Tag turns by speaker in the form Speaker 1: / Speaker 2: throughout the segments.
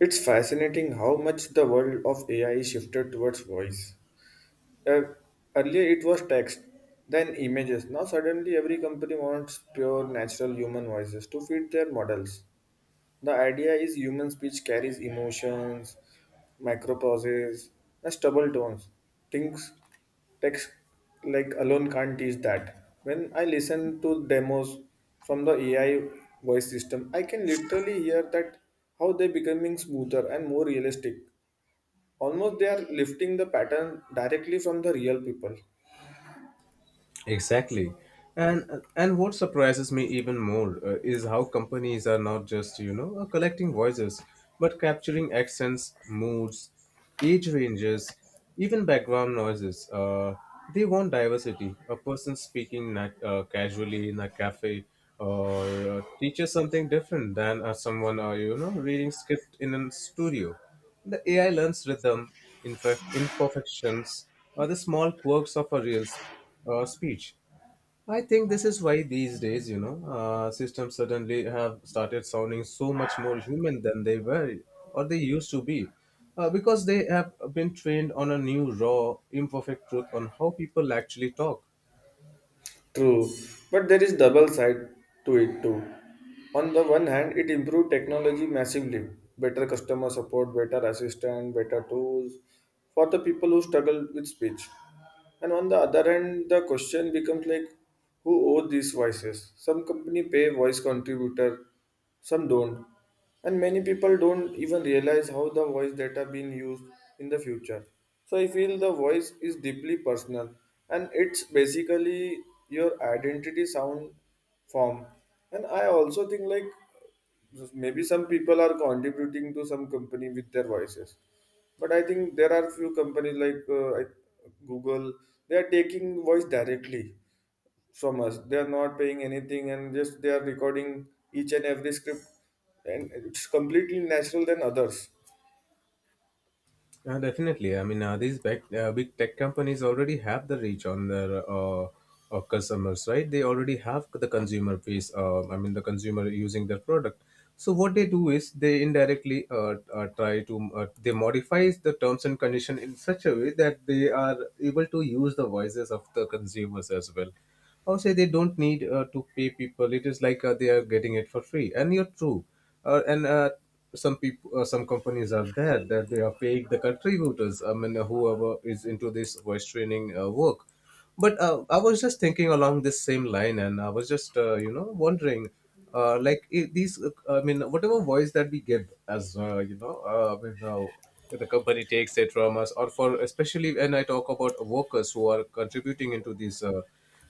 Speaker 1: It's fascinating how much the world of AI is shifted towards voice. Uh, Earlier it was text, then images. Now suddenly every company wants pure natural human voices to feed their models. The idea is human speech carries emotions, micropauses, and stubble tones. Things text like alone can't teach that. When I listen to demos from the AI voice system, I can literally hear that how they're becoming smoother and more realistic. Almost they are lifting the pattern directly from the real people.
Speaker 2: Exactly. And what surprises me even more, is how companies are not just, collecting voices, but capturing accents, moods, age ranges, even background noises. They want diversity. A person speaking casually in a cafe or teaches something different than someone, reading script in a studio. The AI learns rhythm, imperfections, or the small quirks of a real speech. I think this is why these days, systems suddenly have started sounding so much more human than they were or they used to be, because they have been trained on a new, raw, imperfect truth on how people actually talk.
Speaker 1: True, but there is double side to it too. On the one hand, it improved technology massively, better customer support, better assistant, better tools for the people who struggle with speech. And on the other hand, the question becomes like, who owes these voices? Some company pay voice contributor, some don't and many people don't even realize how the voice data being used in the future. So I feel the voice is deeply personal and it's basically your identity sound form. And I also think like maybe some people are contributing to some company with their voices, but I think there are few companies like Google, they are taking voice directly from us. They are not paying anything and just they are recording each and every script, and it's completely natural than others.
Speaker 2: Definitely. I mean, these big tech companies already have the reach on their customers, right? They already have the consumer base. I mean, the consumer using their product. So what they do is they indirectly try to, they modify the terms and condition in such a way that they are able to use the voices of the consumers as well. Or say they don't need to pay people. It is like they are getting it for free. And you're true, and some people, some companies are there that they are paying the contributors. I mean, whoever is into this voice training work, but I was just thinking along this same line, and I was just wondering, like these I mean whatever voice that we give as, I mean, the company takes it from us, or for, especially when I talk about workers who are contributing into this uh,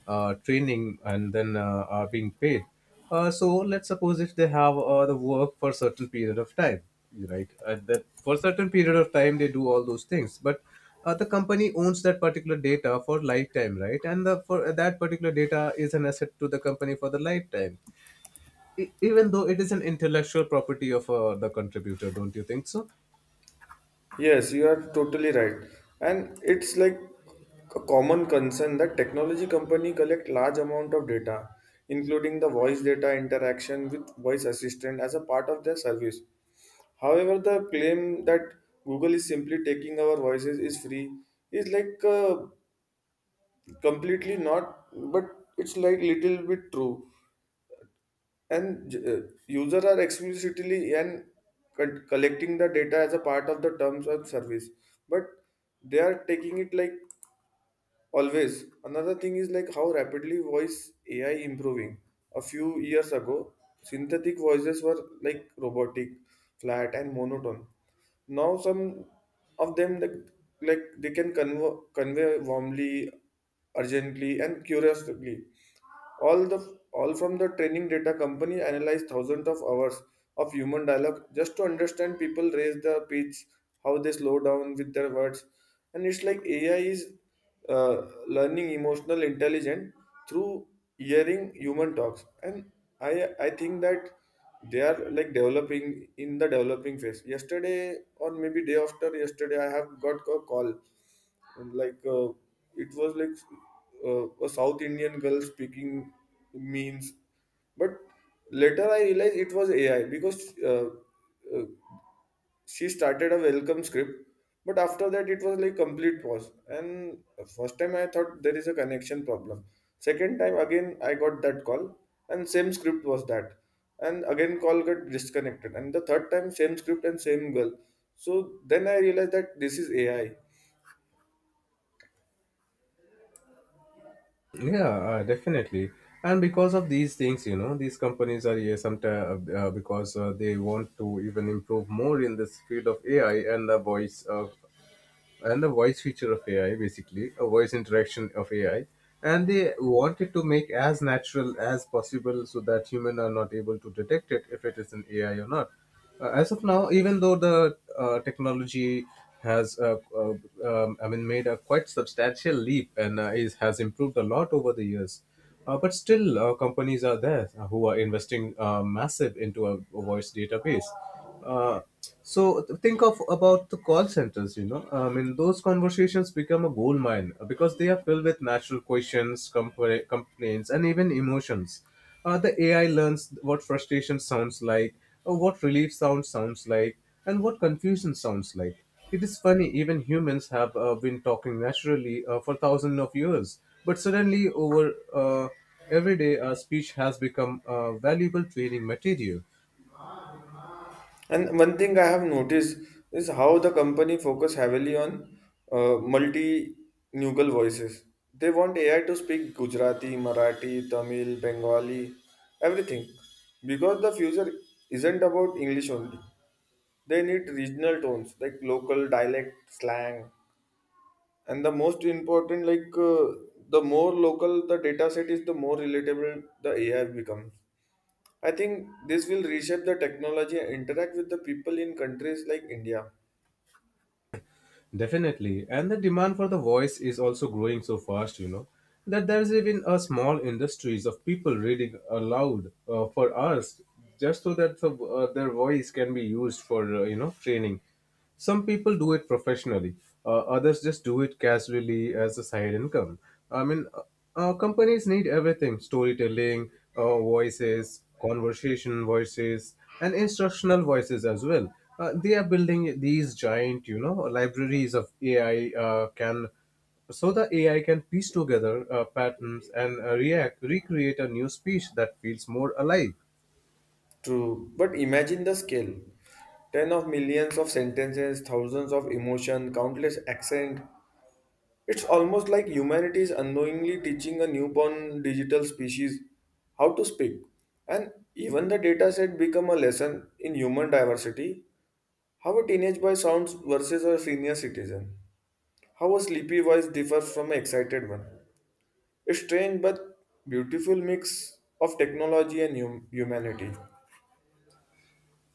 Speaker 2: uh, training, and then are being paid. So let's suppose if they have the work for a certain period of time, right? And that for a certain period of time they do all those things, but the company owns that particular data for lifetime, right? And the for that particular data is an asset to the company for the lifetime, even though it is an intellectual property of the contributor. Don't you think so?
Speaker 1: Yes, you are totally right, and it's like a common concern that technology company collect large amount of data, including the voice data interaction with voice assistant as a part of their service. However, the claim that Google is simply taking our voices is free is like completely not, but it's like little bit true. And users are explicitly and collecting the data as a part of the terms of service, but they are taking it like always. Another thing is like how rapidly voice AI improving. A few years ago synthetic voices were like robotic, flat and monotone. Now some of them like they can convey warmly, urgently and curiously, all the all from the training data company analyzed thousands of hours of human dialogue just to understand people raise their pitch, how they slow down with their words. And it's like AI is uh, learning emotional intelligence through hearing human talks. And I think that they are like developing in the developing phase. Yesterday or maybe day after yesterday I have got a call, and like it was like a south Indian girl speaking, means, but later I realized it was AI because uh, uh, she started a welcome script, but after that it was like complete pause. And first time I thought there is a connection problem. Second time again I got that call and same script was that, and again call got disconnected, and the third time same script and same girl. So then I realized that this is AI.
Speaker 2: Yeah, definitely. And because of these things, you know, these companies are here sometimes because they want to even improve more in this field of AI and the voice. And the voice feature of AI, basically a voice interaction of AI, and they wanted to make as natural as possible so that human are not able to detect it if it is an AI or not. As of now, even though the technology has, I mean, made a quite substantial leap, and is has improved a lot over the years, but still, companies are there who are investing massive into a voice database. Uh, so think of about the call centers. You know, I mean, those conversations become a gold mine because they are filled with natural questions, complaints, and even emotions. The AI learns what frustration sounds like, or what relief sounds like, and what confusion sounds like. It is funny, even humans have been talking naturally for thousands of years, but suddenly, over every day, our speech has become valuable training material.
Speaker 1: And one thing I have noticed is how the company focus heavily on multilingual voices. They want AI to speak Gujarati, Marathi, Tamil, Bengali, everything. Because the future isn't about English only. They need regional tones like local dialect, slang, and the most important like the more local the data set is, the more relatable the AI becomes. I think this will reshape the technology and interact with the people in countries like India.
Speaker 2: Definitely. And the demand for the voice is also growing so fast, you know, that there's even a small industries of people reading aloud for us, just so that the, their voice can be used for, training. Some people do it professionally. Others just do it casually as a side income. I mean, companies need everything, storytelling, voices, conversation voices, and instructional voices as well. They are building these giant, you know, libraries of AI, can so the AI can piece together patterns and react recreate a new speech that feels more alive.
Speaker 1: True, but imagine the scale. Ten of millions of sentences, thousands of emotion, countless accent. It's almost like humanity is unknowingly teaching a newborn digital species how to speak. And even the data set become a lesson in human diversity. How a teenage boy sounds versus a senior citizen. How a sleepy voice differs from an excited one. A strange but beautiful mix of technology and humanity.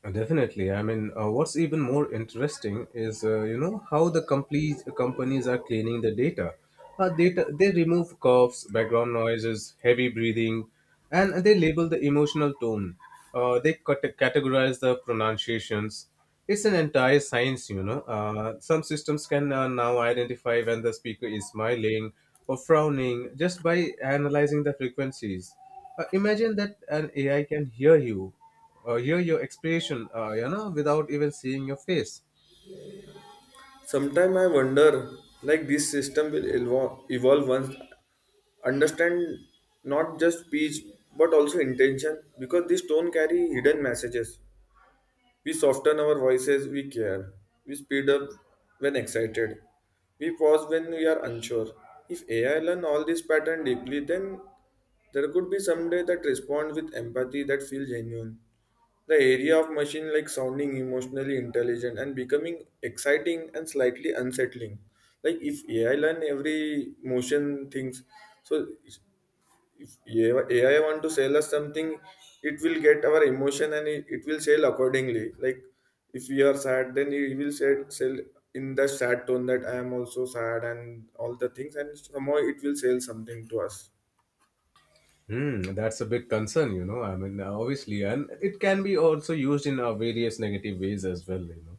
Speaker 2: Definitely. I mean, what's even more interesting is, how the complete companies are cleaning the data. They remove coughs, background noises, heavy breathing, and they label the emotional tone. They categorize the pronunciations. It's an entire science, you know. Some systems can now identify when the speaker is smiling or frowning just by analyzing the frequencies. Imagine that an AI can hear your expression, without even seeing your face.
Speaker 1: Sometimes I wonder, like this system will evolve once understand not just speech but also intention because these tone carry hidden messages. We soften our voices, we care. We speed up when excited. We pause when we are unsure. If AI learn all this pattern deeply, then there could be someday that respond with empathy that feels genuine. The area of machine like sounding emotionally intelligent and becoming exciting and slightly unsettling. Like if AI learn every motion things, so if AI want to sell us something, it will get our emotion and it will sell accordingly. Like if we are sad, then it will sell in the sad tone that I am also sad and all the things, and somehow it will sell something to us.
Speaker 2: Hmm, that's a big concern, you know. I mean, obviously, and it can be also used in various negative ways as well, you know,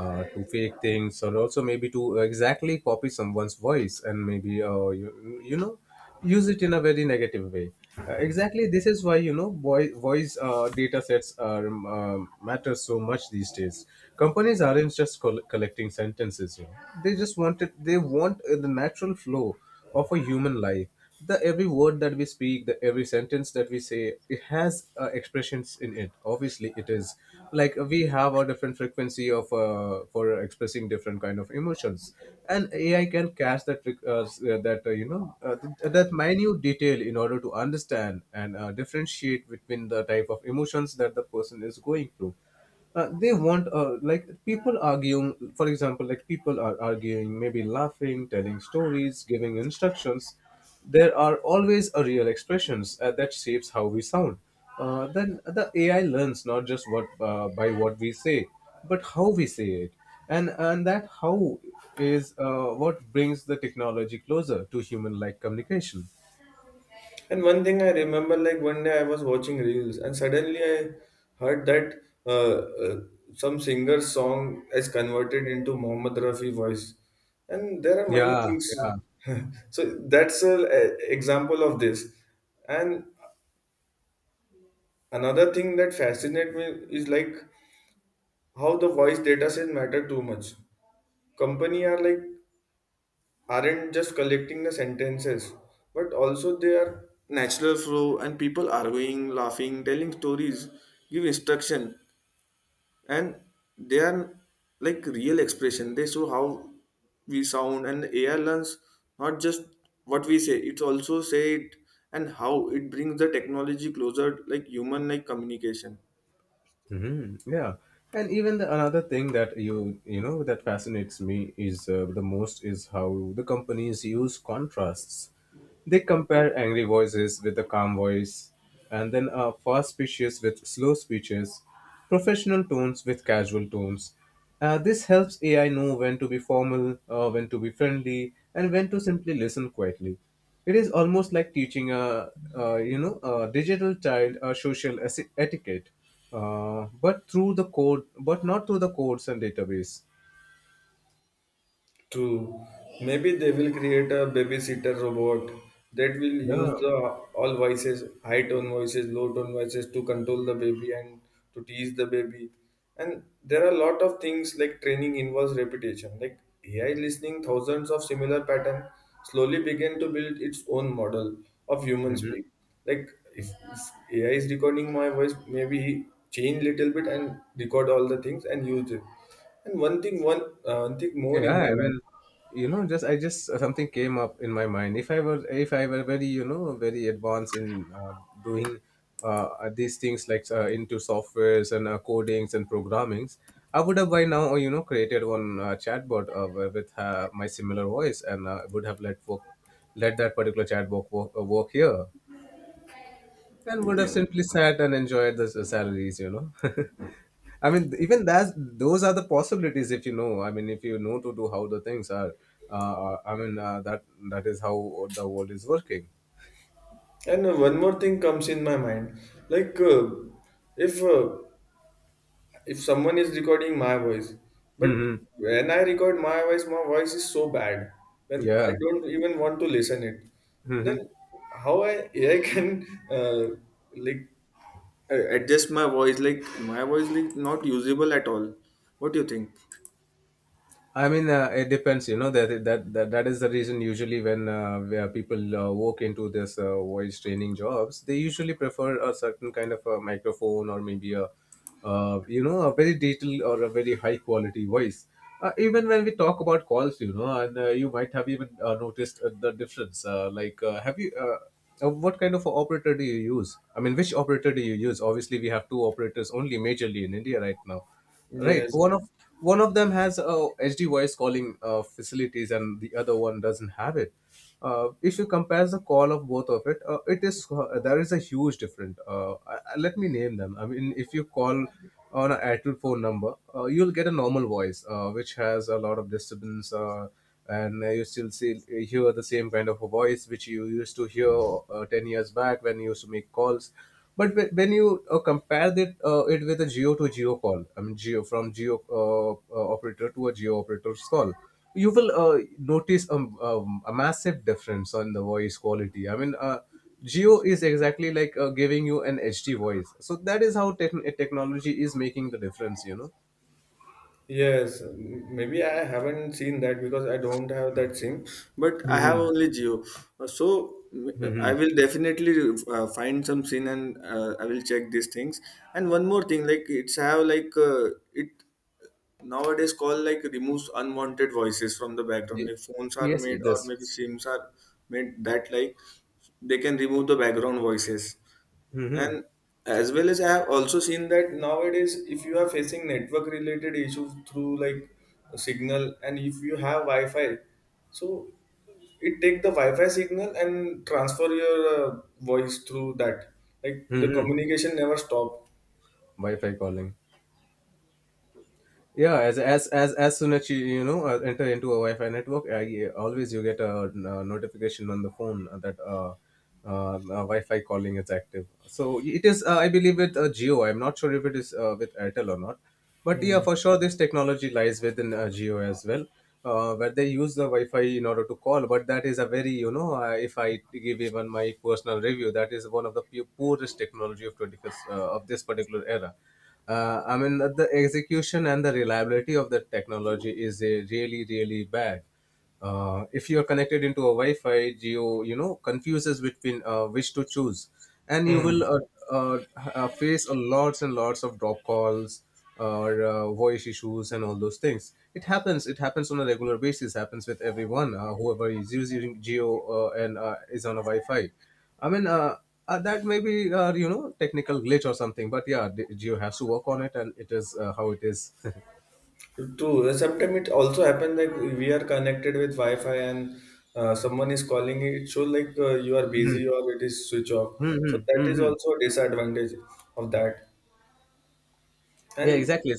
Speaker 2: to fake things, or also maybe to exactly copy someone's voice, and maybe, use it in a very negative way. Exactly, this is why, you know, boy, voice data sets are, matter so much these days. Companies aren't just collecting sentences, you know, they just want it, they want the natural flow of a human life. The every word that we speak, the every sentence that we say, it has expressions in it. Obviously, it is like we have a different frequency of for expressing different kind of emotions. And AI can catch that that minute detail in order to understand and differentiate between the type of emotions that the person is going through. They want like people arguing, for example, like people are arguing, maybe laughing, telling stories, giving instructions. There are always a real expressions that shapes how we sound. Then the AI learns not just what by what we say, but how we say it. And that how is what brings the technology closer to human like communication.
Speaker 1: And one thing I remember, like one day I was watching reels, and suddenly I heard that uh, some singer's song is converted into Mohammed Rafi voice, and there are many
Speaker 2: Yeah,
Speaker 1: things.
Speaker 2: yeah.
Speaker 1: So that's an example of this. And another thing that fascinates me is like how the voice data set matter too much. Company are like aren't just collecting the sentences, but also their natural flow and people arguing, laughing, telling stories, give instruction, and they are like real expression. They show how we sound, and the AI learns not just what we say, it also say it and how it brings the technology closer, like human like communication.
Speaker 2: Hmm. Yeah, and even the, another thing that you know that fascinates me is the most is how the companies use contrasts. They compare angry voices with a calm voice, and then fast speeches with slow speeches, professional tones with casual tones. This helps AI know when to be formal, when to be friendly, and when to simply listen quietly. It is almost like teaching a digital child a social etiquette, but through the code, but not through the codes and database.
Speaker 1: True. Maybe they will create a babysitter robot that will use
Speaker 2: Yeah.
Speaker 1: the all voices, high tone voices, low tone voices to control the baby and to teach the baby. And there are a lot of things like training involves repetition. Like AI listening thousands of similar pattern slowly began to build its own model of human speak. Like if AI is recording my voice, maybe change little bit and record all the things and use it. And one thing, one thing more
Speaker 2: Yeah,
Speaker 1: in my
Speaker 2: I
Speaker 1: mind.
Speaker 2: mean, you know, just I just something came up in my mind. If I were very, you know, very advanced in doing uh, these things, like into softwares and codings and programmings, I would have by now, you know, created one chatbot with my similar voice, and would have let that particular chatbot work, work here, and would have simply sat and enjoyed the salaries, you know. I mean, even that, those are the possibilities if you know, I mean, if you know to do how the things are. I mean, that is how the world is working.
Speaker 1: And one more thing comes in my mind, like if uh, if someone is recording my voice, but
Speaker 2: Hmm.
Speaker 1: when I record my voice is so bad when I
Speaker 2: Yeah.
Speaker 1: don't even want to listen it.
Speaker 2: Hmm.
Speaker 1: Then how I AI can like adjust my voice? Like my voice like not usable at all. What do you think?
Speaker 2: I mean, it depends. You know that is the reason, usually when where people walk into this voice training jobs, they usually prefer a certain kind of a microphone, or maybe a you know a very detailed or a very high quality voice. Even when we talk about calls, you know, and you might have even noticed the difference. Like, have you? What kind of operator do you use? I mean, which operator do you use? Obviously, we have two operators only majorly in India right now. Right.
Speaker 1: Yes.
Speaker 2: One of them has HD voice calling facilities, and the other one doesn't have it. If you compare the call of both of it, it is there is a huge difference. Let me name them. I mean, if you call on an actual phone number, you'll get a normal voice, which has a lot of disturbance, and you still see hear the same kind of a voice which you used to hear 10 years back when you used to make calls. But when you compare it with a Geo to Geo call, I mean Geo from Geo operator to a Geo operator's call, you will notice a massive difference on the voice quality. I mean, Geo is exactly like giving you an HD voice. So that is how technology is making the difference. You know.
Speaker 1: Yes, maybe I haven't seen that because I don't have that SIM, but I have
Speaker 2: Hmm.
Speaker 1: only Geo. So I
Speaker 2: Hmm.
Speaker 1: will definitely find some SIM and I will check these things. And one more thing, like it's have like it nowadays called like removes unwanted voices from the background. Like phones are
Speaker 2: Yes,
Speaker 1: made
Speaker 2: it
Speaker 1: or
Speaker 2: does.
Speaker 1: maybe SIMs are made that like they can remove the background voices. And
Speaker 2: Mm-hmm.
Speaker 1: as well as I have also seen that nowadays if you are facing network related issues through like a signal and if you have wi-fi, so it take the wi-fi signal and transfer your voice through that, like the
Speaker 2: Mm-hmm.
Speaker 1: communication never stop.
Speaker 2: Wi-Fi calling. Yeah, as soon as you you know enter into a Wi-Fi network, yeah, always you get notification on the phone that uh, uh, Wi-Fi calling is active. So it is, I believe, with Geo. I'm not sure if it is with Airtel or not, but yeah,
Speaker 1: Hmm.
Speaker 2: for sure this technology lies within Geo as well, where they use the Wi-Fi in order to call. But that is a very, if I give even my personal review, that is one of the poorest technology of 21st, of this particular era. The execution and the reliability of the technology is, really, really bad. If you're connected into a Wi-Fi, Geo, you know, confuses between, which to choose, and you
Speaker 1: Hmm.
Speaker 2: will uh, face a lots and lots of drop calls or, voice issues and all those things. It happens. It happens on a regular basis. Happens with everyone, whoever is using Geo and is on a Wi-Fi. I mean, uh, that may be, you know, technical glitch or something, but yeah, Geo has to work on it and it is, how it is.
Speaker 1: True. Sometimes it also happens like we are connected with Wi-Fi and someone is calling it. So like you are busy or it is switch off. So
Speaker 2: hmm
Speaker 1: that is
Speaker 2: hmm
Speaker 1: also a disadvantage of that.
Speaker 2: Yeah,
Speaker 1: And
Speaker 2: exactly.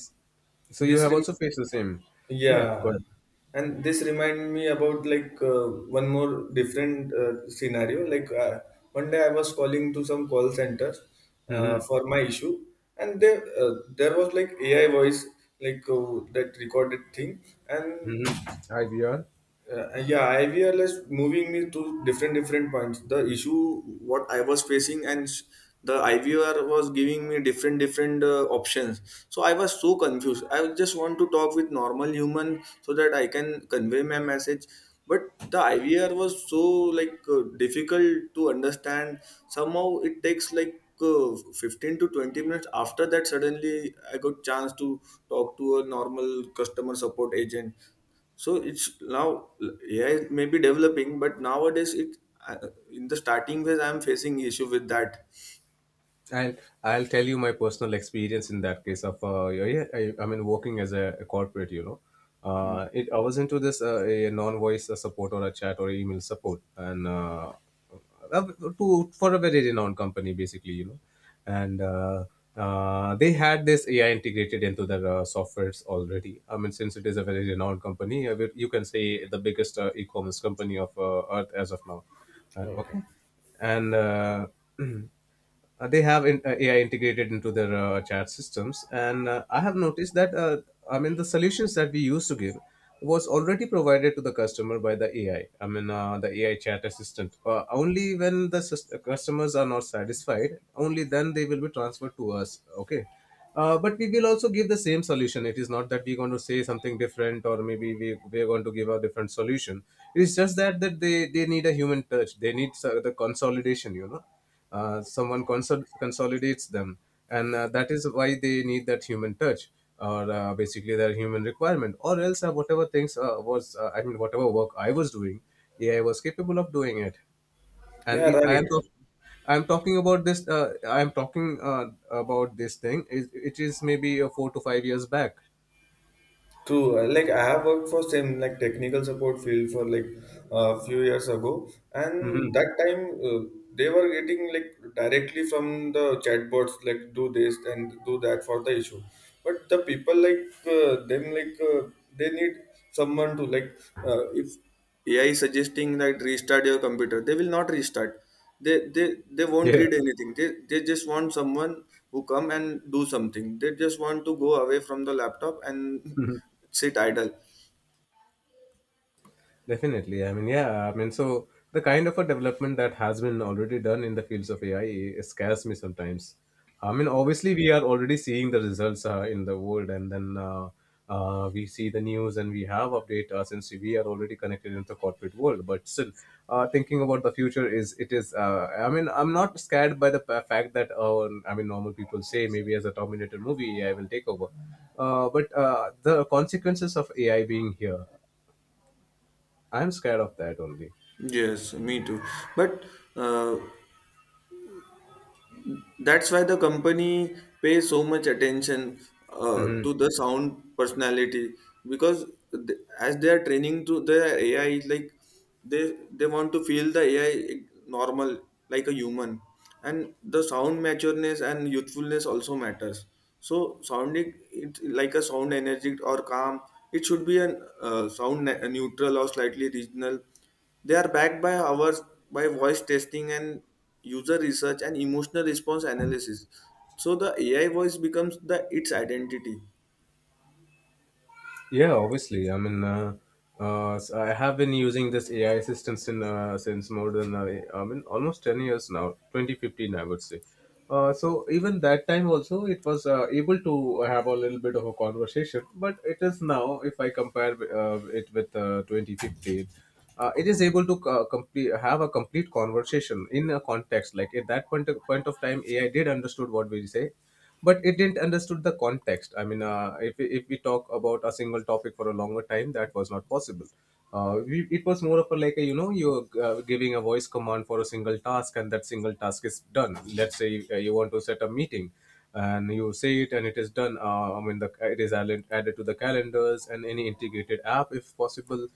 Speaker 2: So you
Speaker 1: this
Speaker 2: have
Speaker 1: rem-
Speaker 2: also faced the same. Yeah, go
Speaker 1: yeah,
Speaker 2: ahead.
Speaker 1: and this remind me about like one more different scenario. Like one day I was calling to some call centers
Speaker 2: Mm-hmm.
Speaker 1: for my issue, and there was like AI voice like that recorded thing, and
Speaker 2: Mm-hmm. Hi, Bjorn.
Speaker 1: yeah, IVL is moving me to different different points. The issue what I was facing and the IVR was giving me different different options. So I was so confused. I just want to talk with normal human so that I can convey my message. But the IVR was so like difficult to understand. Somehow it takes like 15 to 20 minutes after that suddenly I got chance to talk to a normal customer support agent. So it's now AI may be developing, but nowadays I- in the starting phase I am facing issue with that.
Speaker 2: I'll I'll tell you my personal experience in that case of, yeah, yeah, I mean, working as a corporate, you know,
Speaker 1: Hmm.
Speaker 2: it I was into this a non-voice support or a chat or email support, and uh, to for a very renowned company basically, you know, and they had this AI integrated into their softwares already. I mean, since it is a very renowned company, you can say the biggest e-commerce company of Earth as of now.
Speaker 1: Okay.
Speaker 2: Okay, and. They have in, AI integrated into their chat systems, and I have noticed that, I mean the solutions that we used to give was already provided to the customer by the AI. I mean, the AI chat assistant. Only when the customers are not satisfied, only then they will be transferred to us. Okay. But we will also give the same solution. It is not that we're going to say something different, or maybe we are going to give a different solution. It's just that they need a human touch. They need, the consolidation. You know, someone consolidates them, and that is why they need that human touch or basically their human requirement. Or else whatever things was I mean whatever work I was doing, AI was capable of doing it. And
Speaker 1: Yeah,
Speaker 2: it I
Speaker 1: right.
Speaker 2: am talk- I'm talking about this, I'm talking about this thing, it is maybe 4 to 5 years back.
Speaker 1: True. Like I have worked for same like technical support field for like a few years ago, and
Speaker 2: hmm
Speaker 1: that time uh, they were getting like directly from the chatbots like do this and do that for the issue. But the people like them like they need someone to like if AI is suggesting that restart your computer, they will not restart. They won't
Speaker 2: yeah
Speaker 1: read anything. They just want someone who come and do something. They just want to go away from the laptop and
Speaker 2: Mhm.
Speaker 1: sit idle.
Speaker 2: Definitely. I mean, yeah, I mean, so the kind of a development that has been already done in the fields of AI scares me sometimes. I mean, obviously, we are already seeing the results in the world, and then we see the news and we have update, since we are already connected into the corporate world. But still, thinking about the future is it is. I mean, I'm not scared by the fact that, I mean, normal people say maybe as a Terminator movie, AI will take over. But the consequences of AI being here, I'm scared of that only.
Speaker 1: Yes, me too. But uh, that's why the company pays so much attention
Speaker 2: hmm
Speaker 1: to the sound personality because as they are training to the AI, like they want to feel the AI normal like a human, and the sound matureness and youthfulness also matters. So sounding it like a sound energetic or calm, it should be an sound neutral or slightly regional. They are backed by hours by voice testing and user research and emotional response analysis. So the AI voice becomes the its identity.
Speaker 2: Yeah, obviously. I mean, I have been using this AI assistance in, since more than, I mean almost 10 years now, 2015, I would say. So even that time also, it was able to have a little bit of a conversation. But it is now, if I compare it with 2015, it is able to complete have a complete conversation in a context. Like at that point of time, AI did understood what we say, but it didn't understood the context. If, if we talk about a single topic for a longer time, that was not possible. It was more of a like a, you're giving a voice command for a single task, and that single task is done. Let's say you want to set a meeting and you say it and it is done. It is added to the calendars and any integrated app if possible.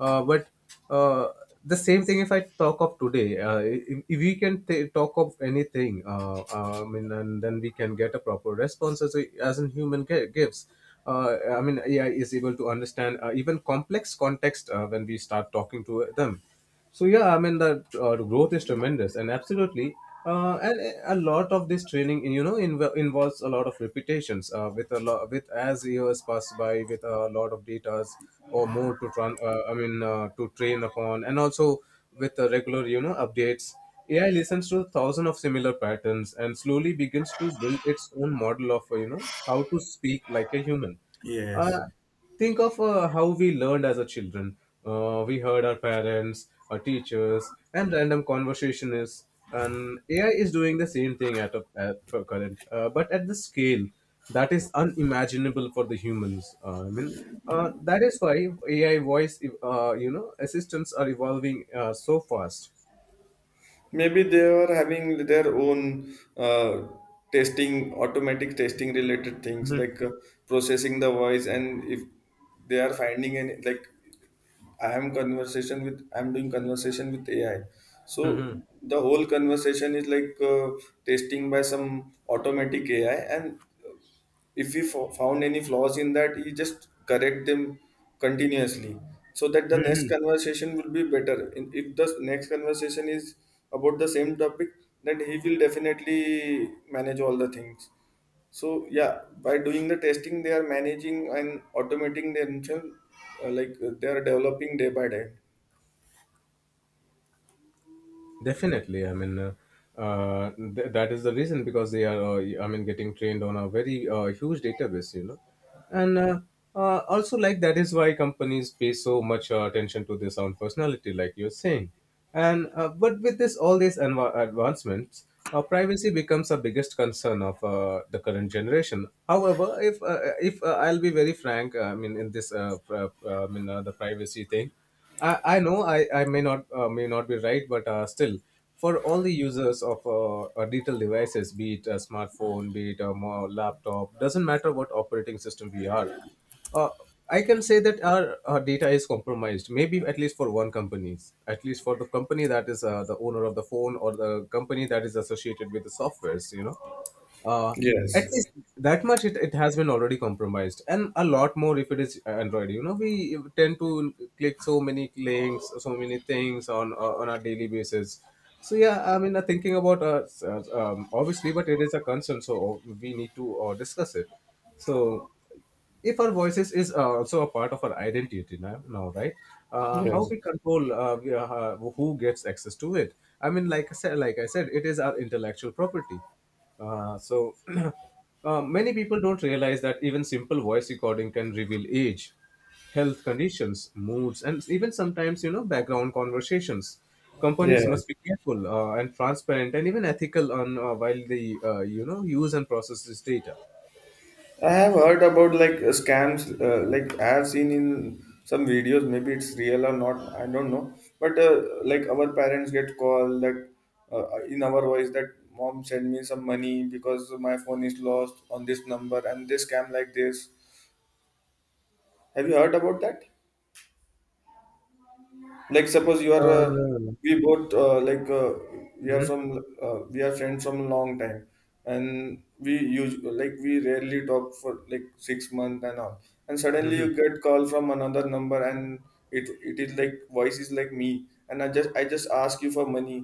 Speaker 2: But uh, the same thing if I talk of today, if we can talk of anything, I mean, and then we can get a proper response as, as an human gives. I mean, AI is able to understand even complex context when we start talking to them. So yeah, I mean the, growth is tremendous, and absolutely, and a lot of this training, you know, involves a lot of repetitions. With a lot, with as years pass by, with a lot of datas or more to I mean, to train upon, and also with regular, you know, updates. AI listens to thousands of similar patterns and slowly begins to build its own model of, you know, how to speak like a human.
Speaker 1: Yes.
Speaker 2: Uh, think of how we learned as a children. We heard our parents, our teachers, and random conversationists. And AI is doing the same thing at a at per current, but at the scale that is unimaginable for the humans. I mean, that is why AI voice, you know, assistants are evolving so fast.
Speaker 1: Maybe they are having their own testing, automatic testing related things
Speaker 2: Mhm.
Speaker 1: like processing the voice, and if they are finding any like I am conversation with I am doing conversation with AI. So
Speaker 2: Mhm.
Speaker 1: the whole conversation is like testing by some automatic AI, and if we found any flaws in that you just correct them continuously so that the next conversation will be better. If the next conversation is about the same topic then he will definitely manage all the things. So yeah, by doing the testing they are managing and automating themselves, like they are developing day by day.
Speaker 2: Definitely, I mean, that is the reason because they are, I mean, getting trained on a very huge database, you know, and also like that is why companies pay so much attention to their sound personality, like you're saying, and but with this all these anva advancements, privacy becomes a biggest concern of the current generation. However, if I'll be very frank, I mean, in this, I mean, the privacy thing. I know I may not, may not be right, but still, for all the users of digital devices, be it a smartphone, be it a laptop, doesn't matter what operating system we are, uh, I can say that our data is compromised. Maybe at least for one companies, at least for the company that is the owner of the phone, or the company that is associated with the softwares, you know, uh, at
Speaker 1: Yes.
Speaker 2: least that much it, it has been already compromised, and a lot more if it is android. You know, we tend to click so many links, so many things on a daily basis. So yeah, I mean I thinking about, obviously, but it is a concern, so we need to discuss it. So if our voices is also a part of our identity now, right? How
Speaker 1: Yes.
Speaker 2: we control, who gets access to it? Like I said, it is our intellectual property. uh, so Many people don't realize that even simple voice recording can reveal age, health conditions, moods, and even sometimes, you know, background conversations. Companies must
Speaker 1: Yes,
Speaker 2: be careful, and transparent and even ethical on, while they, you know, use and process this data.
Speaker 1: I have heard about like scams, like I have seen in some videos. Maybe it's real or not. I don't know. But like our parents get call that in our voice that mom send me some money because my phone is lost on this number and this scam like this. Have you heard about that? Like suppose you are
Speaker 2: No.
Speaker 1: we both we are
Speaker 2: No.
Speaker 1: from we are friends from long time, and we use like we rarely talk for like 6 months and all, and suddenly you
Speaker 2: Mhm.
Speaker 1: get call from another number and it is like voice is like me and I just ask you for money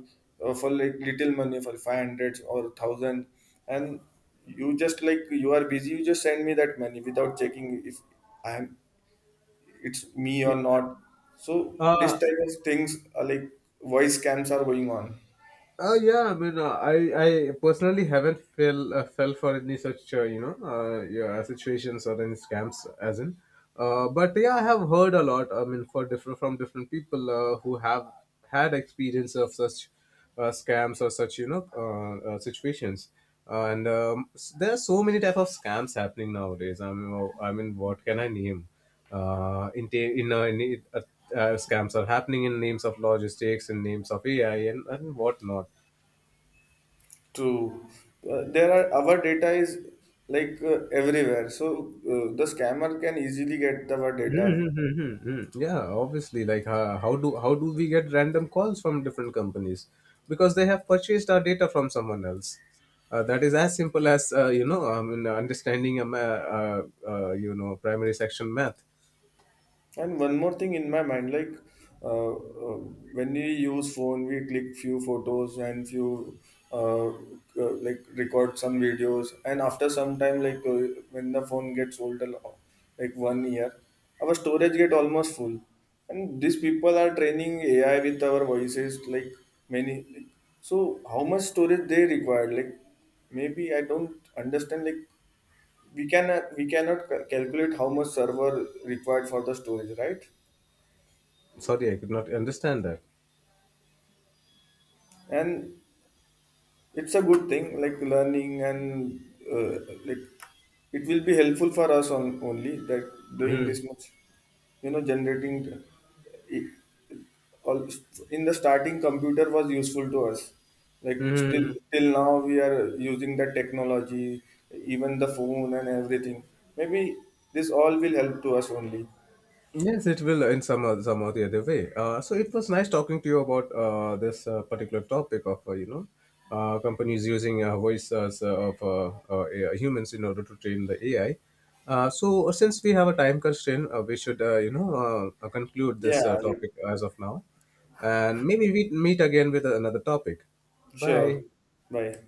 Speaker 1: for like little money for 500 or 1000, and you just like you are busy you just send me that money without checking if I am it's me or not. So this
Speaker 2: Uh,
Speaker 1: type of things are like voice scams are going on.
Speaker 2: yeah, I mean, I personally haven't fell, fell for any such, you know, yeah, situations or any scams, as in. But yeah, I have heard a lot. I mean, for different from different people who have had experience of such, scams or such, you know, situations. And there are so many type of scams happening nowadays. I mean, oh, I mean, what can I name? In, ta- in Scams are happening in names of logistics, in names of AI, and whatnot.
Speaker 1: True, there are our data is like everywhere. So the scammer can easily get our data.
Speaker 2: Mm-hmm. Yeah, obviously, like how do we get random calls from different companies? Because they have purchased our data from someone else. That is as simple as, you know, I mean, understanding a uh, you know, primary section math.
Speaker 1: And one more thing in my mind, like uh, uh, when we use phone, we click few photos and few uh, uh, like record some videos. And after some time, like when the phone gets older, like 1 year, our storage get almost full. And these people are training AI with our voices, like many. Like, so how much storage they require? Like maybe I don't understand. Like we cannot calculate how much server required for the storage, right?
Speaker 2: Sorry, I could not understand that.
Speaker 1: And it's a good thing like learning and like it will be helpful for us on only that doing
Speaker 2: Mhm.
Speaker 1: this much you know generating it, all, in the starting computer was useful to us like still
Speaker 2: Mhm.
Speaker 1: till now we are using the technology even the phone and everything. Maybe this all will help to us only.
Speaker 2: Yes, it will in some or the other way. So it was nice talking to you about this particular topic of, you know, companies using, voice uh, of AI humans in order to train the AI. So since we have a time constraint, we should, you know, conclude this
Speaker 1: Yeah.
Speaker 2: topic as of now, and maybe we meet again with another topic.
Speaker 1: Sure.
Speaker 2: Bye.
Speaker 1: Bye.